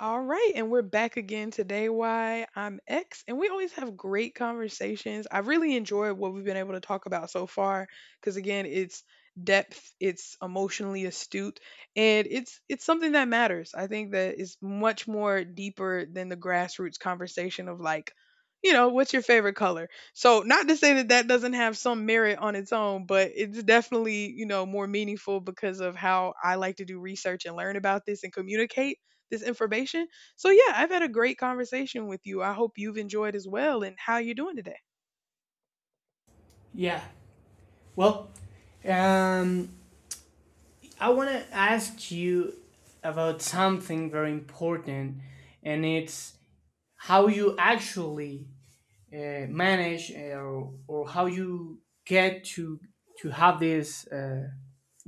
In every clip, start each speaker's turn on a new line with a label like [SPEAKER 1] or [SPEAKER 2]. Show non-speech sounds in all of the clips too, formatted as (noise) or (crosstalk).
[SPEAKER 1] All right, and we're back again today. Why I'm X, and we always have great conversations. I really enjoyed what we've been able to talk about so far because again, it's depth, it's emotionally astute, and it's something that matters. I think that is much more deeper than the grassroots conversation of like, you know, what's your favorite color? So, not to say that that doesn't have some merit on its own, but it's definitely, you know, more meaningful because of how I like to do research and learn about this and communicate this information. So yeah, I've had a great conversation with you. I hope you've enjoyed as well and how you doing today.
[SPEAKER 2] Yeah. Well, um, I want to ask you about something very important, and it's how you actually manage or how you get to have this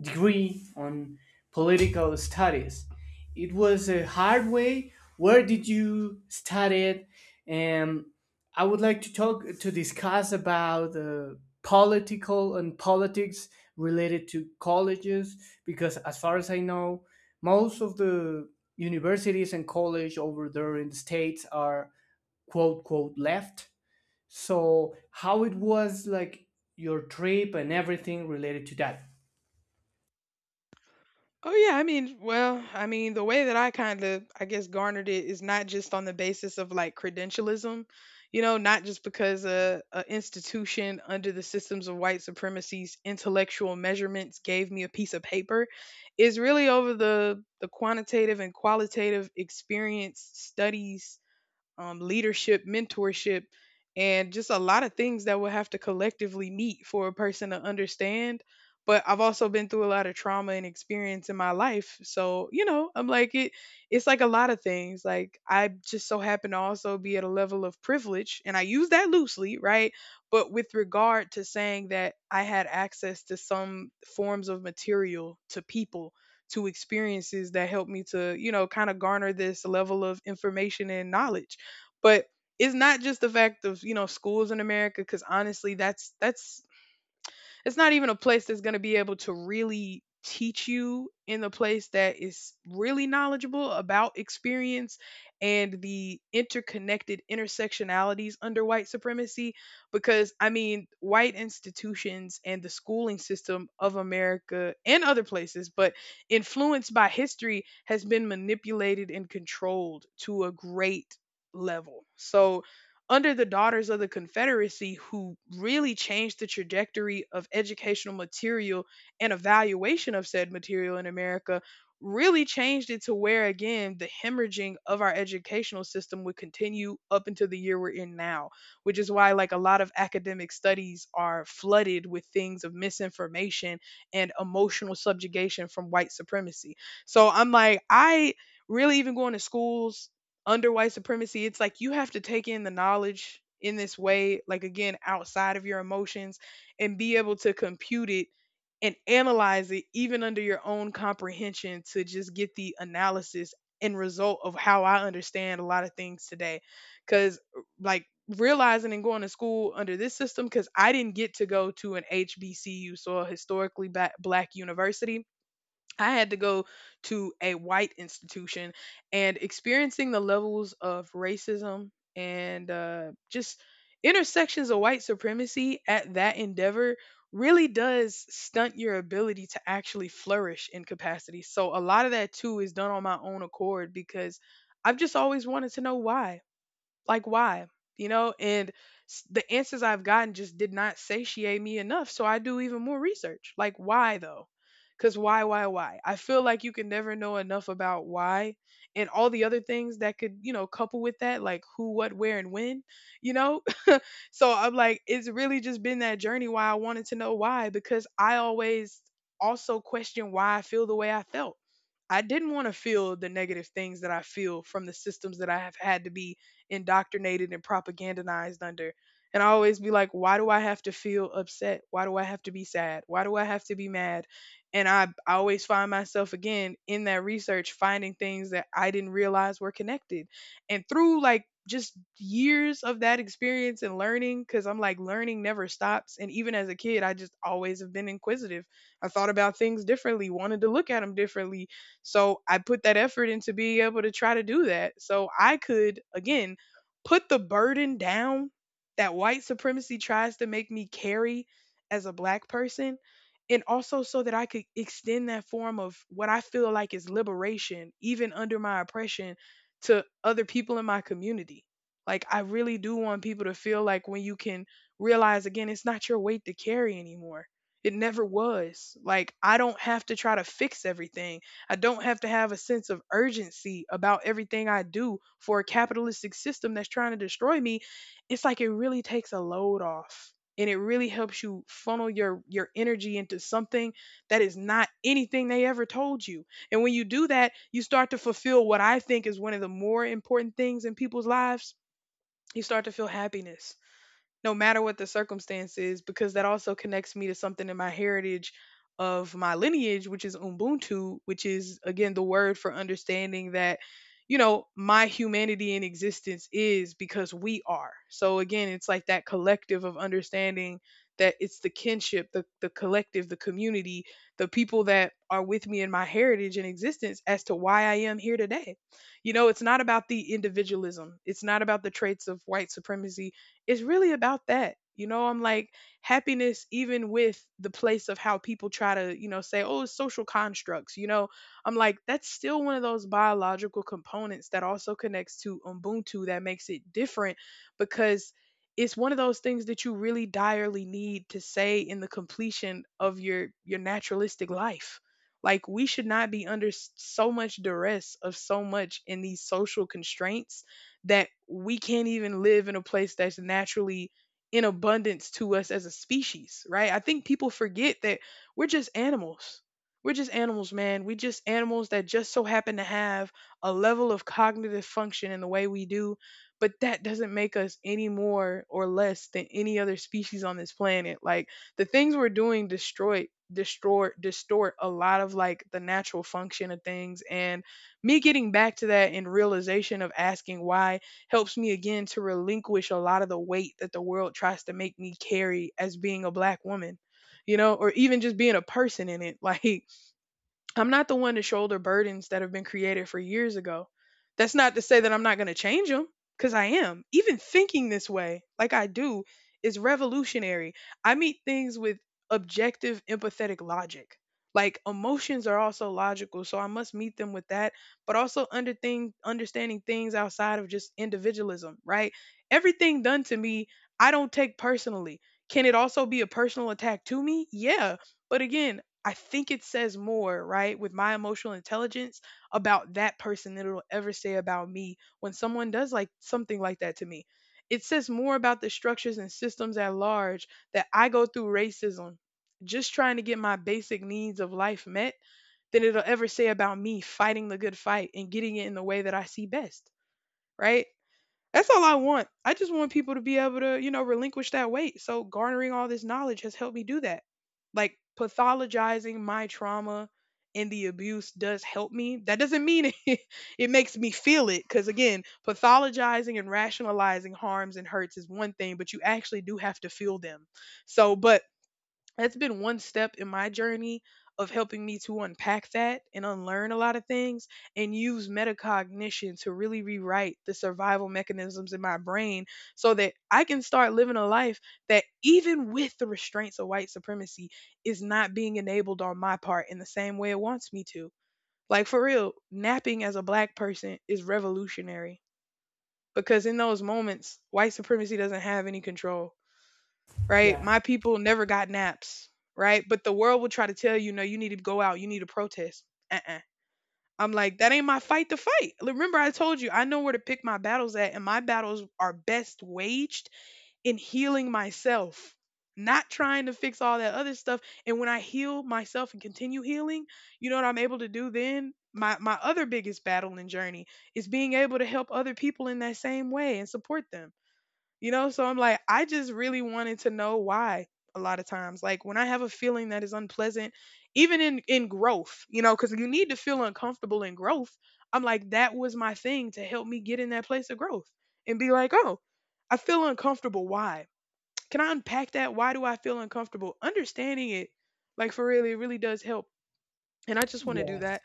[SPEAKER 2] degree on political studies. It was a hard way. Where did you study it? Um, I would like to talk to discuss about political and politics related to colleges because, as far as I know, most of the universities and college over there in the States are quote quote left. So, how it was like your trip and everything related to that?
[SPEAKER 1] Oh yeah, I mean, well, I mean, the way that I kind of, I guess, garnered it is not just on the basis of like credentialism, you know, not just because a institution under the systems of white supremacy's intellectual measurements gave me a piece of paper. It's really over the quantitative and qualitative experience studies, leadership, mentorship, and just a lot of things that we'll have to collectively meet for a person to understand. But I've also been through a lot of trauma and experience in my life. So, you know, I'm like it's like a lot of things. Like I just so happen to also be at a level of privilege, and I use that loosely, right? But with regard to saying that I had access to some forms of material, to people, to experiences that helped me to, you know, kind of garner this level of information and knowledge. But it's not just the fact of, you know, schools in America cuz honestly that's it's not even a place that's going to be able to really teach you in the place that is really knowledgeable about experience and the interconnected intersectionalities under white supremacy because I mean, white institutions and the schooling system of America and other places, but influenced by history, has been manipulated and controlled to a great level. So, under the Daughters of the Confederacy, who really changed the trajectory of educational material and evaluation of said material in America, really changed it to where, again, the hemorrhaging of our educational system would continue up until the year we're in now, which is why, like, a lot of academic studies are flooded with things of misinformation and emotional subjugation from white supremacy. So I'm like, I really even going to schools under white supremacy, it's like you have to take in the knowledge in this way, like again, outside of your emotions and be able to compute it and analyze it even under your own comprehension to just get the analysis and result of how I understand a lot of things today. Cause like realizing and going to school under this system, because I didn't get to go to an HBCU, so a historically black university, I had to go to a white institution and experiencing the levels of racism and, just intersections of white supremacy at that endeavor really does stunt your ability to actually flourish in capacity. So, a lot of that too is done on my own accord because I've just always wanted to know why, like why, you know, and the answers I've gotten just did not satiate me enough, so I do even more research, like why though, because why, I feel like you can never know enough about why and all the other things that could, you know, couple with that, like who, what, where, and when, you know. So I'm like, it's really just been that journey why I wanted to know why, because I always also question why I feel the way I felt. I didn't want to feel the negative things that I feel from the systems that I have had to be indoctrinated and propagandized under. And I always be like, why do I have to feel upset? Why do I have to be sad? Why do I have to be mad? And I always find myself again in that research finding things that I didn't realize were connected and through like just years of that experience and learning, because I'm like, learning never stops. And even as a kid, I just always have been inquisitive. I thought about things differently, wanted to look at them differently. So I put that effort into being able to try to do that. So I could, again, put the burden down that white supremacy tries to make me carry as a black person and also so that I could extend that form of what I feel like is liberation, even under my oppression, to other people in my community. Like I really do want people to feel like when you can realize again it's not your weight to carry anymore. It never was. Like I don't have to try to fix everything. I don't have to have a sense of urgency about everything I do for a capitalistic system that's trying to destroy me. It's like it really takes a load off and it really helps you funnel your energy into something that is not anything they ever told you, and when you do that, you start to fulfill what I think is one of the more important things in people's lives. You start to feel happiness no matter what the circumstance is, because that also connects me to something in my heritage of my lineage, which is Ubuntu, which is again the word for understanding that, you know, my humanity in existence is because we are. So again, it's like that collective of understanding that it's the kinship, the collective, the community, the people that are with me in my heritage and existence as to why I am here today. You know, it's not about the individualism. It's not about the traits of white supremacy, it's really about that. You know, I'm like happiness, even with the place of how people try to, you know, say, oh, it's social constructs. You know, I'm like, that's still one of those biological components that also connects to Ubuntu that makes it different because it's one of those things that you really direly need to say in the completion of your naturalistic life. Like we should not be under so much duress of so much in these social constraints that we can't even live in a place that's naturally in abundance to us as a species, right? I think people forget that we're just animals. We're just animals, man. We just animals that just so happen to have a level of cognitive function in the way we do, but that doesn't make us any more or less than any other species on this planet. Like the things we're doing destroy, distort a lot of like the natural function of things, and me getting back to that and realization of asking why helps me again to relinquish a lot of the weight that the world tries to make me carry as being a black woman, you know, or even just being a person in it. (laughs) Like, I'm not the one to shoulder burdens that have been created for years ago. That's not to say that I'm not going to change them, because I am. Even thinking this way, like I do, is revolutionary. I meet things with objective, empathetic logic. Like emotions are also logical, so I must meet them with that, but also under thing, understanding things outside of just individualism, right? Everything done to me, I don't take personally. Can it also be a personal attack to me? Yeah. But again, I think it says more, right, with my emotional intelligence about that person than it'll ever say about me when someone does like something like that to me. It says more about the structures and systems at large that I go through racism just trying to get my basic needs of life met than it'll ever say about me fighting the good fight and getting it in the way that I see best, right? That's all I want. I just want people to be able to, you know, relinquish that weight. So garnering all this knowledge has helped me do that. Like pathologizing my trauma and the abuse does help me. That doesn't mean (laughs) it makes me feel it cuz again, pathologizing and rationalizing harms and hurts is one thing, but you actually do have to feel them. So, but that's been one step in my journey of helping me to unpack that and unlearn a lot of things and use metacognition to really rewrite the survival mechanisms in my brain so that I can start living a life that even with the restraints of white supremacy is not being enabled on my part in the same way it wants me to. Like for real, napping as a black person is revolutionary because in those moments white supremacy doesn't have any control, right?
[SPEAKER 2] Yeah.
[SPEAKER 1] My people never got naps, right? But the world will try to tell you, no, you need to go out, you need to protest. Uh-uh. I'm like, that ain't my fight to fight. Remember, I told you, I know where to pick my battles at, and my battles are best waged in healing myself, not trying to fix all that other stuff. And when I heal myself and continue healing, you know what I'm able to do then? My other biggest battle and journey is being able to help other people in that same way and support them. You know, so I'm like, I just really wanted to know why a lot of times. Like when I have a feeling that is unpleasant, even in growth, you know, because you need to feel uncomfortable in growth. I'm like, that was my thing to help me get in that place of growth and be like, oh, I feel uncomfortable. Why? Can I unpack that? Why do I feel uncomfortable? Understanding it, like for really, it really does help. And I just want to do
[SPEAKER 2] Yes.
[SPEAKER 1] that.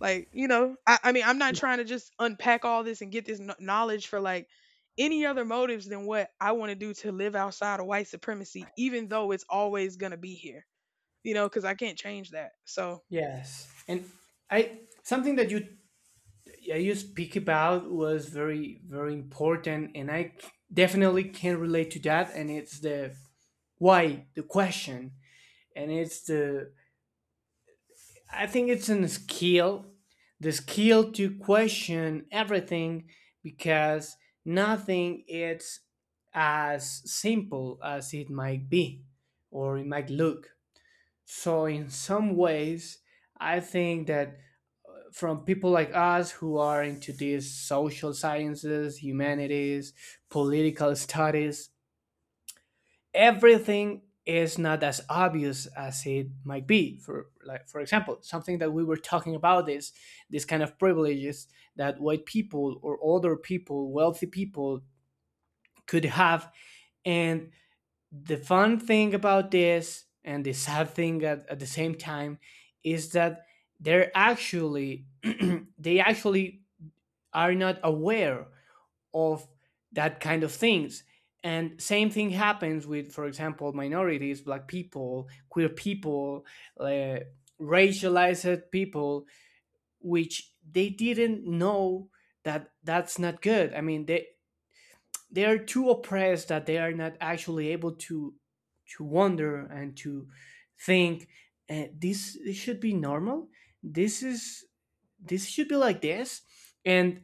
[SPEAKER 1] Like, you know, I mean, I'm not trying to just unpack all this and get this knowledge for like any other motives than what I want to do to live outside of white supremacy, even though it's always going to be here, you know, because I can't change that. So,
[SPEAKER 2] Yes. And I something that you yeah, you speak about was very important, and definitely can relate to that. And it's the why, the question, and it's the I think it's an skill, the skill to question everything because nothing is as simple as it might be or it might look. So in some ways, I think that from people like us who are into these social sciences, humanities, political studies, everything is not as obvious as it might be. For like, for example, something that we were talking about is this kind of privileges that white people or older people, wealthy people could have. And the fun thing about this and the sad thing at the same time is that they're actually (clears throat) they actually are not aware of that kind of things, and same thing happens with, for example, minorities, black people, queer people, uh, racialized people, which they didn't know that that's not good. I mean, they are too oppressed that they are not actually able to wonder and to think, this should be normal, this is this should be like this. And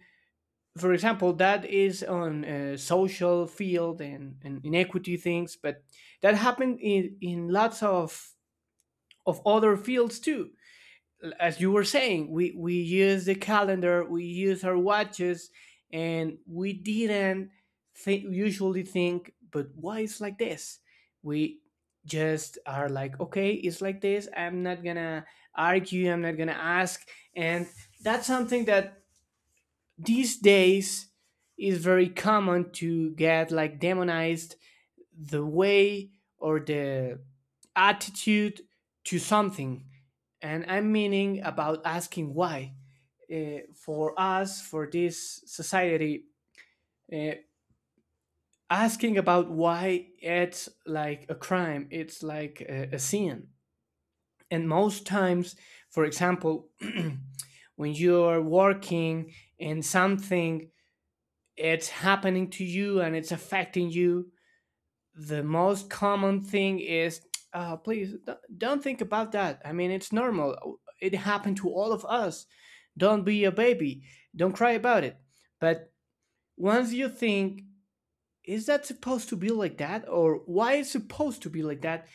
[SPEAKER 2] for example, that is on social field and, inequity things, but that happened in lots of other fields too. As you were saying, we use the calendar, we use our watches, and we didn't usually think, but why it's like this? We just are like, okay, it's like this. I'm not gonna argue, I'm not gonna ask. And that's something that these days it's very common to get like demonized, the way or the attitude to something. And I'm meaning about asking why. For us, for this society, uh, asking about why it's like a crime, it's like a sin. And most times, for example, (clears throat) when you're working and something it's happening to you and it's affecting you, the most common thing is, please don't think about that. I mean, it's normal. It happened to all of us. Don't be a baby. Don't cry about it. But once you think, is that supposed to be like that? Or why is it supposed to be like that?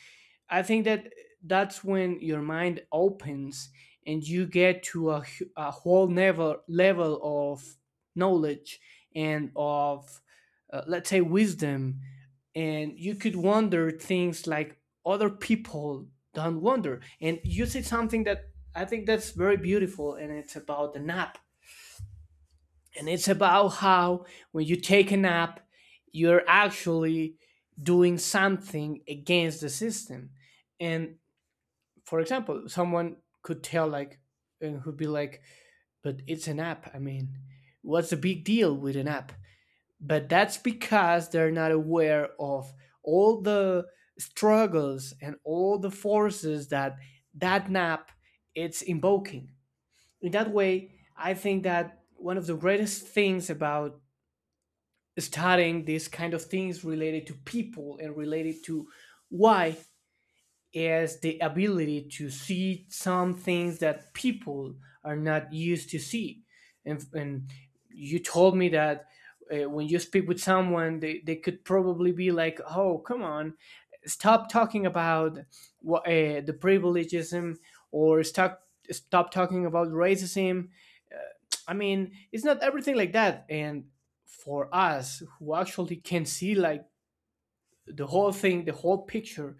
[SPEAKER 2] I think that that's when your mind opens and you get to a whole never level of knowledge and of let's say wisdom, and you could wonder things like other people don't wonder. And you said something that I think that's very beautiful, and it's about the nap, and it's about how when you take a nap you're actually doing something against the system. And for example, someone could tell like and would be like, but it's an app. I mean, what's the big deal with an app? But that's because they're not aware of all the struggles and all the forces that that app it's invoking. In that way, I think that one of the greatest things about studying these kind of things related to people and related to why is the ability to see some things that people are not used to see. And you told me that when you speak with someone, they could probably be like, oh, come on, stop talking about what, the privilegeism or stop talking about racism. I mean, it's not everything like that. And for us who actually can see like the whole thing, the whole picture,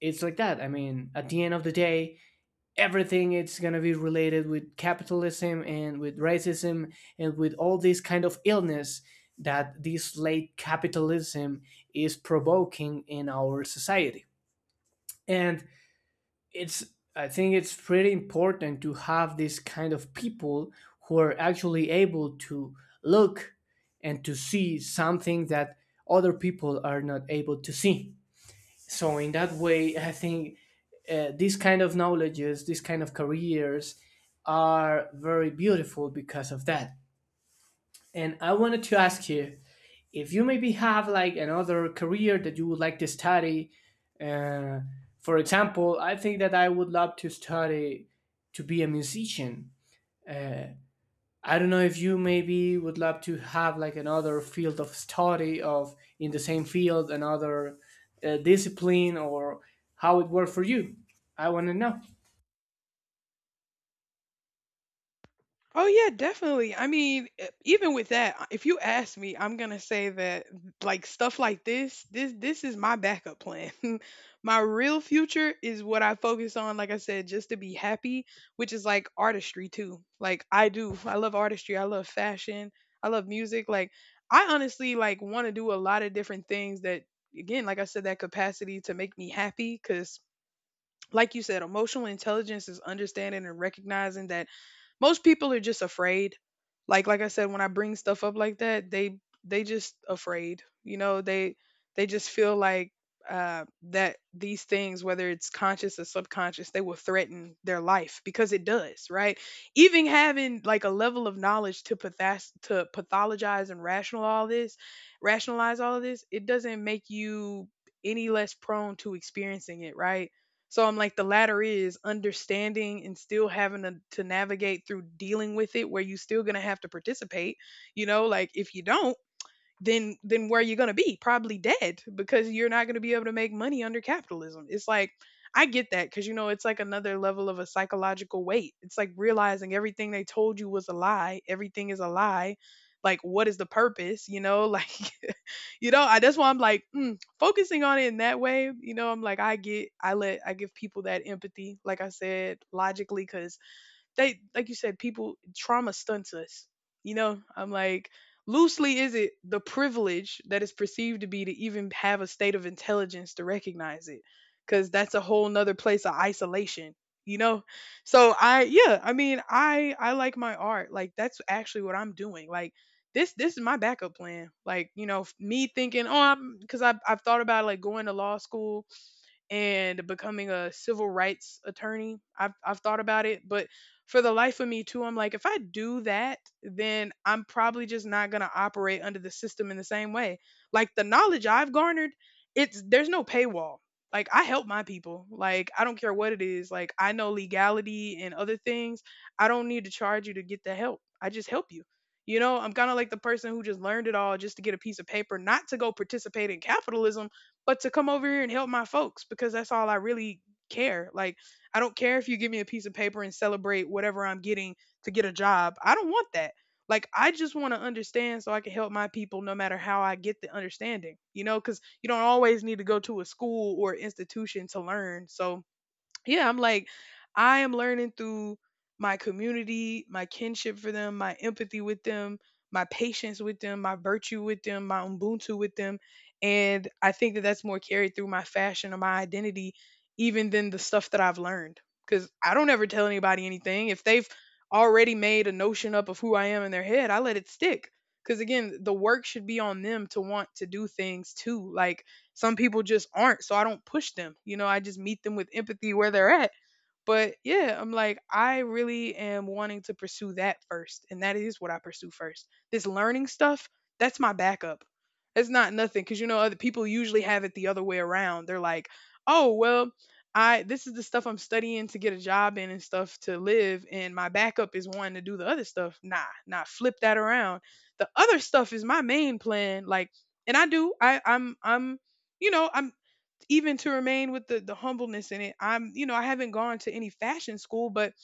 [SPEAKER 2] it's like that. I mean, at the end of the day, everything it's going to be related with capitalism and with racism and with all this kind of illness that this late capitalism is provoking in our society. And it's I think it's pretty important to have this kind of people who are actually able to look and to see something that other people are not able to see. So in that way I think these kind of knowledges, these kind of careers are very beautiful because of that. And I wanted to ask you if you maybe have like another career that you would like to study. uh, for example, I think that I would love to study to be a musician. uh, I don't know if you maybe would love to have like another field of study of in the same field, another discipline, or how it worked for you. I want to know.
[SPEAKER 1] oh yeah, definitely. I mean, even with that, if you ask me, I'm gonna say that like stuff like this, this is my backup plan. (laughs) My real future is what I focus on, like I said, just to be happy, which is like artistry too. Like I do. I love artistry, I love fashion, I love music. Like I honestly like want to do a lot of different things that again, like I said, that capacity to make me happy because like you said, emotional intelligence is understanding and recognizing that most people are just afraid. Like I said, when I bring stuff up like that, they just afraid. You know, they just feel like that these things, whether it's conscious or subconscious, they will threaten their life because it does, right? Even having like a level of knowledge to to pathologize and rational all this, rationalize all of this, it doesn't make you any less prone to experiencing it, right? So I'm like, the latter is understanding and still having to navigate through dealing with it where you still going to have to participate. You know, like if you don't, then where you going to be? Probably dead because you're not going to be able to make money under capitalism. It's like I get that because you know it's like another level of a psychological weight. It's like realizing everything they told you was a lie, everything is a lie. Like what is the purpose, you know? (laughs) Like you know that's why I'm like focusing on it in that way. You know I'm like I get I let I give people that empathy like I said logically because they like you said people trauma stunts us. You know I'm like loosely is it the privilege that is perceived to be to even have a state of intelligence to recognize it, because that's a whole nother place of isolation, you know? So I yeah I mean I like my art. Like that's actually what I'm doing. Like this is my backup plan. Like, you know, me thinking, oh, I'm because I've thought about like going to law school and becoming a civil rights attorney. I've thought about it, but for the life of me too, I'm like if I do that, then I'm probably just not going to operate under the system in the same way. Like the knowledge I've garnered, it's there's no paywall. Like I help my people. Like I don't care what it is. Like I know legality and other things. I don't need to charge you to get the help. I just help you. You know, I'm kind of like the person who just learned it all just to get a piece of paper, not to go participate in capitalism, but to come over here and help my folks because that's all I really care. Like, I don't care if you give me a piece of paper and celebrate whatever I'm getting to get a job. I don't want that. Like, I just want to understand so I can help my people no matter how I get the understanding, you know, because you don't always need to go to a school or institution to learn. So, yeah, I'm like, I am learning through my community, my kinship for them, my empathy with them, my patience with them, my virtue with them, my Ubuntu with them. And I think that that's more carried through my fashion or my identity, even than the stuff that I've learned. Because I don't ever tell anybody anything. If they've already made a notion up of who I am in their head, I let it stick. Because again, the work should be on them to want to do things too. Like, some people just aren't, so I don't push them. You know, I just meet them with empathy where they're at. But yeah, I'm like, I really am wanting to pursue that first. And that is what I pursue first. This learning stuff, that's my backup. It's not nothing. Cause you know, other people usually have it the other way around. They're like, oh, well, I this is the stuff I'm studying to get a job in and stuff to live, and my backup is wanting to do the other stuff. Nah, nah, flip that around. The other stuff is my main plan. Like, and I do, I'm you know, I'm even to remain with the humbleness in it, I'm you know I haven't gone to any fashion school, but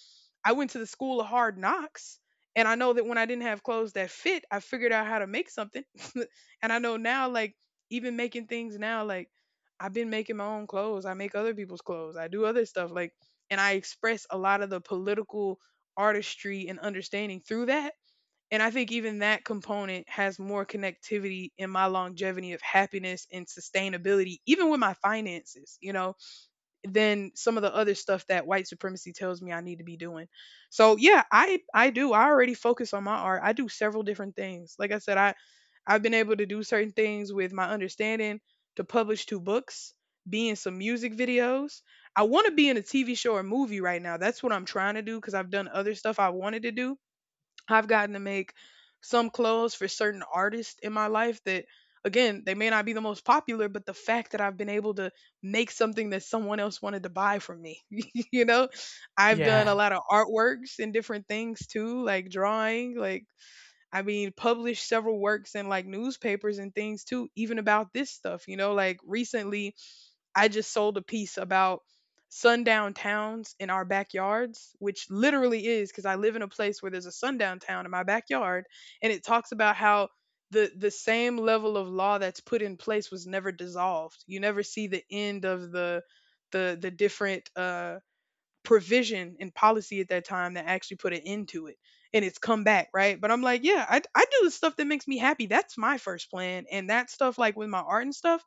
[SPEAKER 1] I went to the school of hard knocks. And I know that when I didn't have clothes that fit, I figured out how to make something. (laughs) And I know now, like, even making things now, like, I've been making my own clothes. I make other people's clothes. I do other stuff. Like, and I express a lot of the political artistry and understanding through that. And I think even that component has more connectivity in my longevity of happiness and sustainability, even with my finances, you know, than some of the other stuff that white supremacy tells me I need to be doing. So yeah, I do. I already focus on my art. I do several different things. Like I said, I I've been able to do certain things with my understanding to publish two books, be in some music videos. I want to be in a TV show or movie right now. That's what I'm trying to do because I've done other stuff I wanted to do. I've gotten to make some clothes for certain artists in my life that, again, they may not be the most popular, but the fact that I've been able to make something that someone else wanted to buy from me, (laughs) you know, I've done
[SPEAKER 2] Yeah,
[SPEAKER 1] a lot of artworks and different things too, like drawing, like, I mean, published several works in like newspapers and things too, even about this stuff, you know, like recently I just sold a piece about sundown towns in our backyards, which literally is because I live in a place where there's a sundown town in my backyard, and it talks about how the same level of law that's put in place was never dissolved. You never see the end of the different provision and policy at that time that actually put an end to it and it's come back, right? But I'm like, yeah, I do the stuff that makes me happy. That's my first plan and that stuff like with my art and stuff,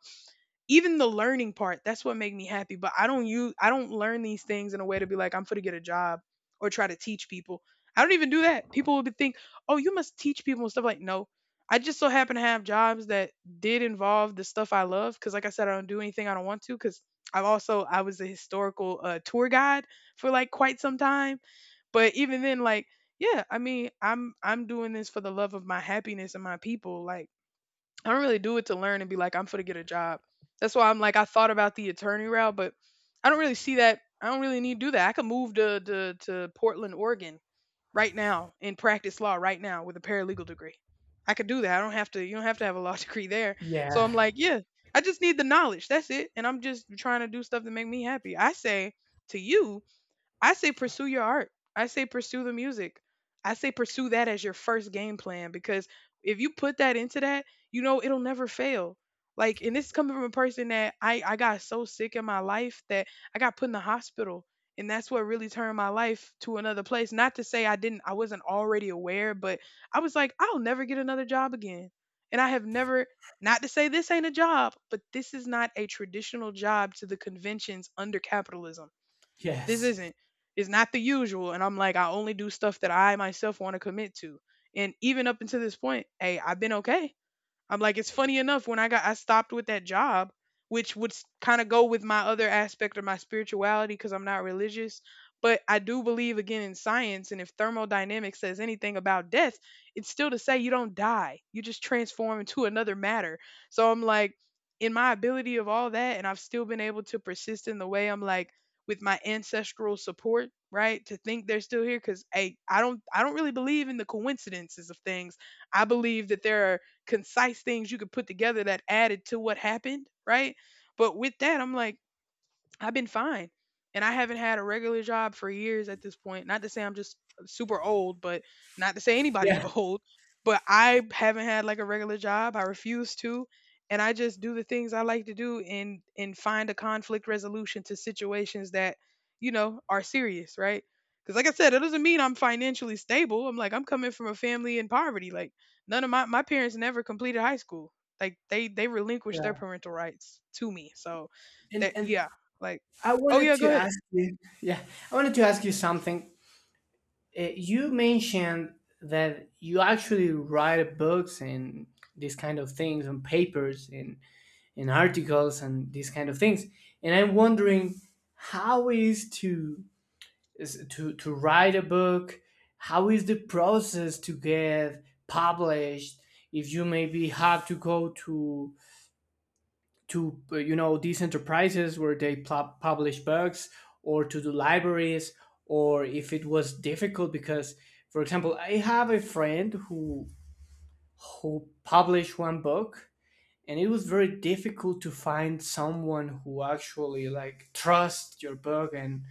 [SPEAKER 1] even the learning part, that's what made me happy. But I don't learn these things in a way to be like I'm gonna get a job or try to teach people. I don't even do that. People would be think, oh you must teach people and stuff. Like, no, I just so happen to have jobs that did involve the stuff I love because like I said I don't do anything I don't want to. Because I was a historical tour guide for like quite some time. But even then, like, yeah, I mean, I'm doing this for the love of my happiness and my people. Like, I don't really do it to learn and be like, I'm for to get a job. That's why I'm like, I thought about the attorney route, but I don't really see that. I don't really need to do that. I could move to Portland, Oregon, right now and practice law right now with a paralegal degree. I could do that. I don't have to. You don't have to have a law (laughs) degree there.
[SPEAKER 2] yeah,
[SPEAKER 1] So I'm like, yeah, I just need the knowledge. That's it. And I'm just trying to do stuff to make me happy. I say to you I say pursue your art. I say pursue the music. I say pursue that as your first game plan because if you put that into that, you know it'll never fail. Like, and this is coming from a person that I got so sick in my life that I got put in the hospital, and that's what really turned my life to another place. Not to say I didn't, I wasn't already aware, but I was like, I'll never get another job again, and I have never. Not to say this ain't a job, but this is not a traditional job to the conventions under capitalism this
[SPEAKER 2] yes,
[SPEAKER 1] isn't. It's not the usual. And I'm like, I only do stuff that I myself want to commit to. And even up until this point, hey, I've been okay. I'm like, it's funny enough when I stopped with that job, which would kind of go with my other aspect of my spirituality because I'm not religious, but I do believe again in science, and if thermodynamics says anything about death, it's still to say you don't die. You just transform into another matter. So I'm like in my ability of all that and I've still been able to persist in the way I'm like with my ancestral support, right? To think they're still here cuz hey, I don't really believe in the coincidences of things. I believe that there are concise things you could put together that added to what happened, right? But with that, I'm like, I've been fine. And I haven't had a regular job for years at this point. Not to say I'm just super old, but not to say anybody's (laughs)
[SPEAKER 2] yeah,
[SPEAKER 1] old, but I haven't had like a regular job. I refuse to. And I just do the things I like to do and find a conflict resolution to situations that, you know, are serious, right? Cuz like I said, it doesn't mean I'm financially stable. I'm like I'm coming from a family in poverty. Like none of my parents never completed high school. Like they relinquished their
[SPEAKER 2] yeah.
[SPEAKER 1] parental rights to me. So that
[SPEAKER 2] And
[SPEAKER 1] yeah, like
[SPEAKER 2] I
[SPEAKER 1] oh
[SPEAKER 2] wanted
[SPEAKER 1] yeah,
[SPEAKER 2] to
[SPEAKER 1] go ahead.
[SPEAKER 2] ask you. Yeah, I wanted to ask you something. You mentioned that you actually write books and these kind of things and papers and articles and these kind of things. And I'm wondering how is to write a book? How is the process to get published? If you maybe have to go to you know these enterprises where they publish books, or to the libraries, or if it was difficult because, for example, I have a friend who published one book and it was very difficult to find someone who actually like trust your book and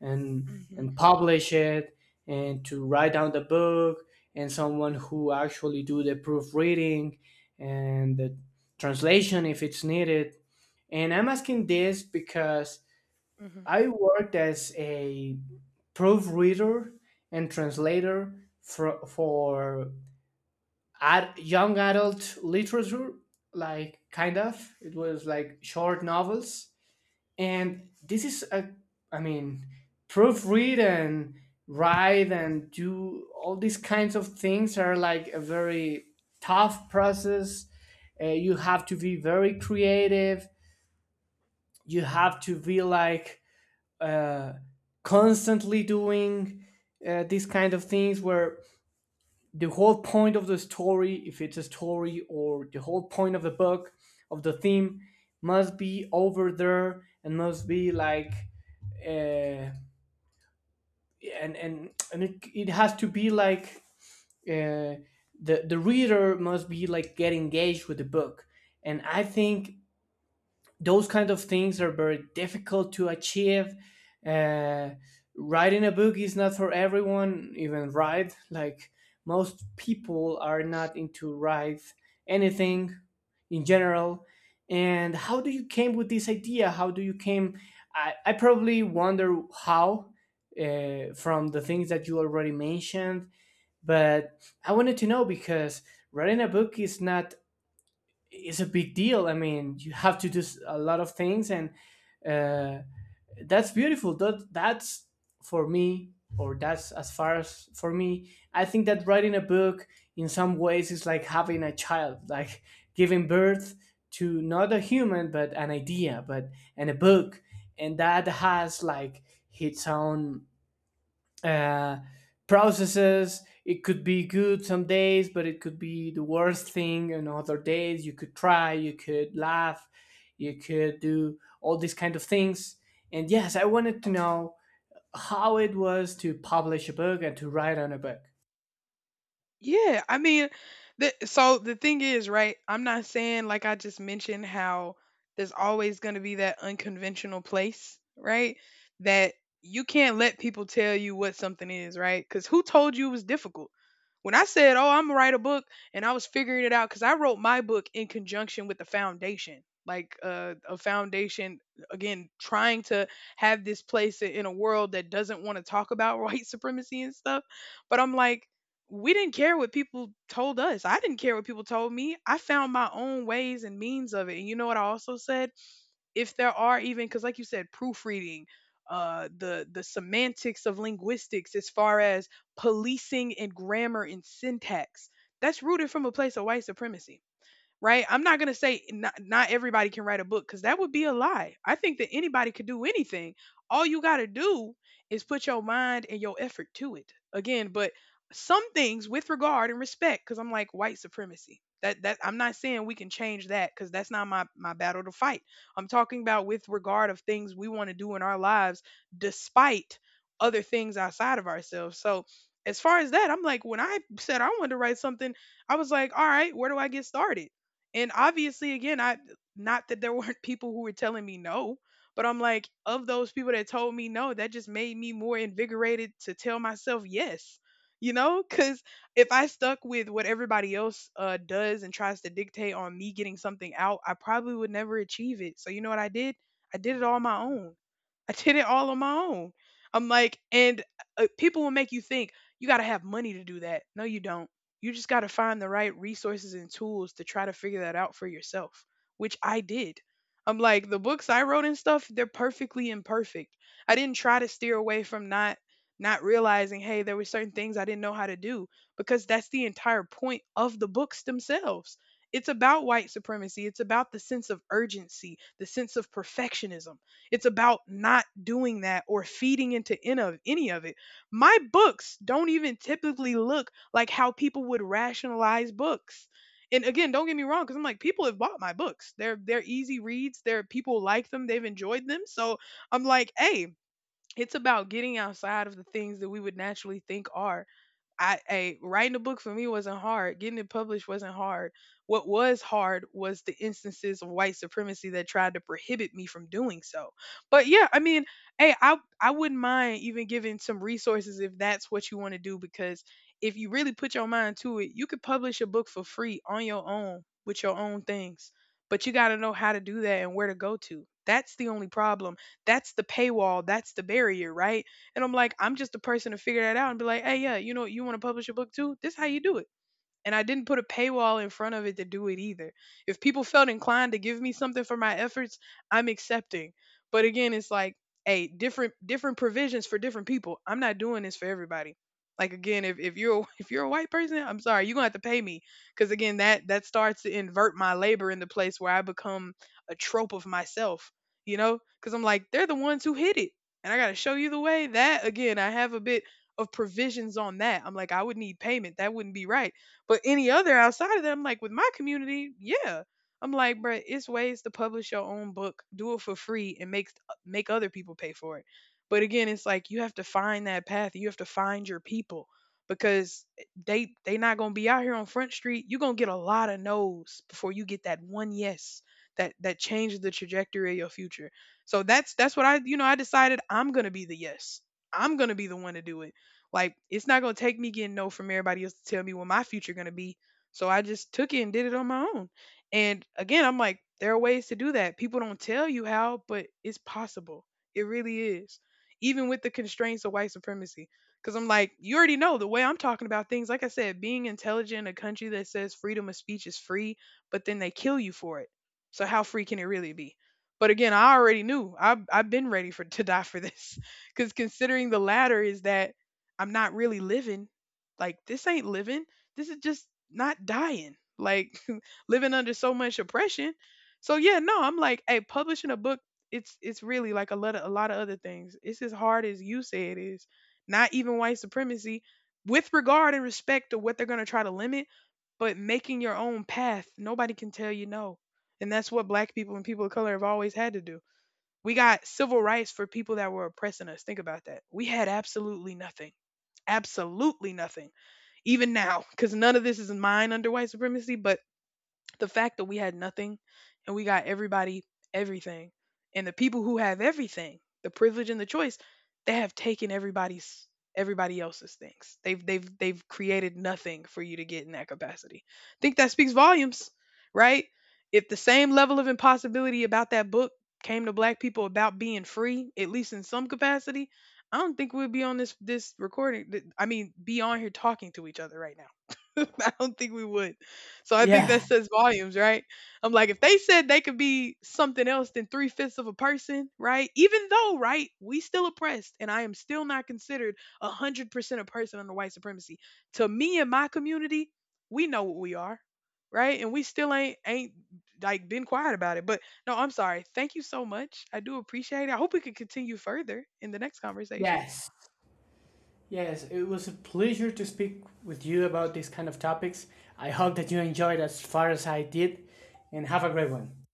[SPEAKER 2] and
[SPEAKER 1] Mhm,
[SPEAKER 2] publish it and to write down the book and someone who actually do the proofreading and the translation if it's needed. And I'm asking this because
[SPEAKER 1] mhm.
[SPEAKER 2] I worked as a proofreader and translator for young adult literature, like kind of. It was like short novels, and this is a, I mean, proofread and write and do all these kinds of things are like a very tough process. You have to be very creative. You have to be like uh, constantly doing these kind of things where the whole point of the story, if it's a story, or the whole point of the book, of the theme, must be over there and must be like, uh, and and it, it has to be like uh, the reader must be like get engaged with the book, and I think those kind of things are very difficult to achieve. Uh, Writing a book is not for everyone, even write. Like most people are not into write anything in general. And how do you came with this idea? How do you came? I probably wonder how from the things that you already mentioned, but I wanted to know because writing a book is not it's a big deal. I mean, you have to do a lot of things, and uh, that's beautiful. That that's for me, or that's as far as for me. I think that writing a book in some ways is like having a child, like giving birth to not a human but an idea, but and a book, and that has like its own uh, processes. It could be good some days, but it could be the worst thing. And other days, you could try, you could laugh, you could do all these kind of things. And yes, I wanted to know how it was to publish a book and to write on a book.
[SPEAKER 1] Yeah, I mean, so the thing is, right? I'm not saying like I just mentioned how there's always going to be that unconventional place, right? That you can't let people tell you what something is, right? Because who told you it was difficult? When I said, "Oh, I'm gonna write a book," and I was figuring it out because I wrote my book in conjunction with the foundation, like a foundation again, trying to have this place in a world that doesn't want to talk about (laughs) white supremacy and stuff. But I'm like we didn't care what people told us. I didn't care what people told me. I found my own ways and means of it. And you know what I also said? If there are even because like you said, proofreading, the semantics of linguistics as far as policing and grammar and syntax, that's rooted from a place of white supremacy, right? I'm not going to say not everybody can write a book because that would be a lie. I think that anybody could do anything. All you got to do is put your mind and your effort to it. Again, but some things with regard and respect, because I'm like white supremacy. That I'm not saying we can change that because that's not my battle to fight. I'm talking about with regard of things we want to do in our lives despite other things outside of ourselves. So as far as that, I'm like when I said I wanted to write something, I was like, all right, where do I get started? And obviously, again, I not that there (laughs) weren't people who were telling me no, but I'm like, of those people that told me no, that just made me more invigorated to tell myself yes. You know, because if I stuck with what everybody else does and tries to dictate on me getting something out, I probably would never achieve it. So you know what I did? I did it all on my own. I did it all on my own. I'm like, and people will make you think you got to have money to do that. No, you don't. You just got to find the right resources and tools to try to figure that out for yourself, which I did. I'm like, the books I wrote and stuff, they're perfectly imperfect. I didn't try to steer away from not realizing, hey, there were certain things I didn't know how to do because that's the entire point of the books themselves. It's about white supremacy. It's about the sense of urgency, the sense of perfectionism. It's about not doing that or feeding into in of any of it. My books don't even typically look like how people would rationalize books. And again, don't get me wrong, because I'm like, people have bought my books. They're easy reads. They're people like them. They've enjoyed them. So I'm like, hey, it's about getting outside of the things that we would naturally think are. I writing a book for me wasn't hard. Getting it published wasn't hard. What was hard was the instances of white supremacy that tried to prohibit me from doing so. But yeah, I mean, hey, I wouldn't mind even giving some resources if that's what you want to do because if you really put your mind to it, you could publish a book for free on your own with your own things. But you got to know how to do that and where to go to. That's the only problem. That's the paywall. That's the barrier, right? And I'm like, I'm just the person to figure that out and be like, hey, yeah, you know, you want to publish a book too? This is how you do it. And I didn't put a paywall in front of it to do it either. If people felt inclined to give me something for my efforts, I'm accepting. But again, it's like, hey, different provisions for different people. I'm not doing this for everybody. Like again, if you're a, (laughs) if you're a white person, I'm sorry, you're gonna have to pay me because again, that starts to invert my labor in the place where I become a trope of myself, you know? Because I'm like, they're the ones who hit it, and I gotta show you the way. That again, I have a bit of provisions on that. I'm like, I would need payment. That wouldn't be right. But any other outside of that, I'm like, with my community, yeah. I'm like, bruh, it's ways to publish your own book, do it for free, and make other people pay for it. But again, it's like you have to find that path. You have to find your people because they not gonna be out here on Front Street. You're gonna get a lot of no's before you get that one yes that changes the trajectory of your future. So that's what I you know I decided I'm gonna be the yes. I'm gonna be the one to do it like it's not gonna take me getting no from everybody else to tell me what my future gonna be. So I just took it and did it on my own. And again, I'm like, there are ways to do that. People don't tell you how, but it's possible. It really is. Even with the constraints of white supremacy. Cause I'm like, you already know the way I'm talking about things. Like I said, being intelligent in a country that says freedom of speech is free, but then they kill you for it. So how free can it really be? But again, I already knew. I've been ready for (laughs) to die for this. (laughs) Because considering the latter is that I'm not really living. Like this ain't living. This is just not dying. Like (laughs) living under so much oppression. So yeah, no, I'm like, hey, publishing a book, it's really like a lot of other things. It's as hard as you say it is. Not even white supremacy, with regard and respect to what they're gonna try to limit, but making your own path, nobody can tell you no. And that's what black people and people of color have always had to do. We got civil rights for people that were oppressing us. Think about that. We had absolutely nothing. Absolutely nothing. Even now, because none of this is mine under white supremacy, but the fact that we had nothing and we got everybody everything, and the people who have everything, the privilege and the choice, they have taken everybody else's things. They've created nothing for you to get in that capacity. I think that speaks volumes, right? If the same level of impossibility about that book came to black people about being free, at least in some capacity, I don't think we'd be on this recording, I mean be on here talking to each other right now. (laughs) I don't think we would. So I think that
[SPEAKER 2] Yeah.
[SPEAKER 1] says volumes, right? I'm like, if they said they could be something else than three-fifths of a person, right? Even though, right, we still oppressed and I am still not considered 100% a person under white supremacy. To me and my community, we know what we are, right? And we still ain't like been quiet about it. But no, I'm sorry. Thank you so much. I do appreciate it. I hope we could continue further in the next conversation.
[SPEAKER 2] Yes. Yes. It was a pleasure to speak with you about these kind of topics. I hope that you enjoyed as far as I did, and have a great one.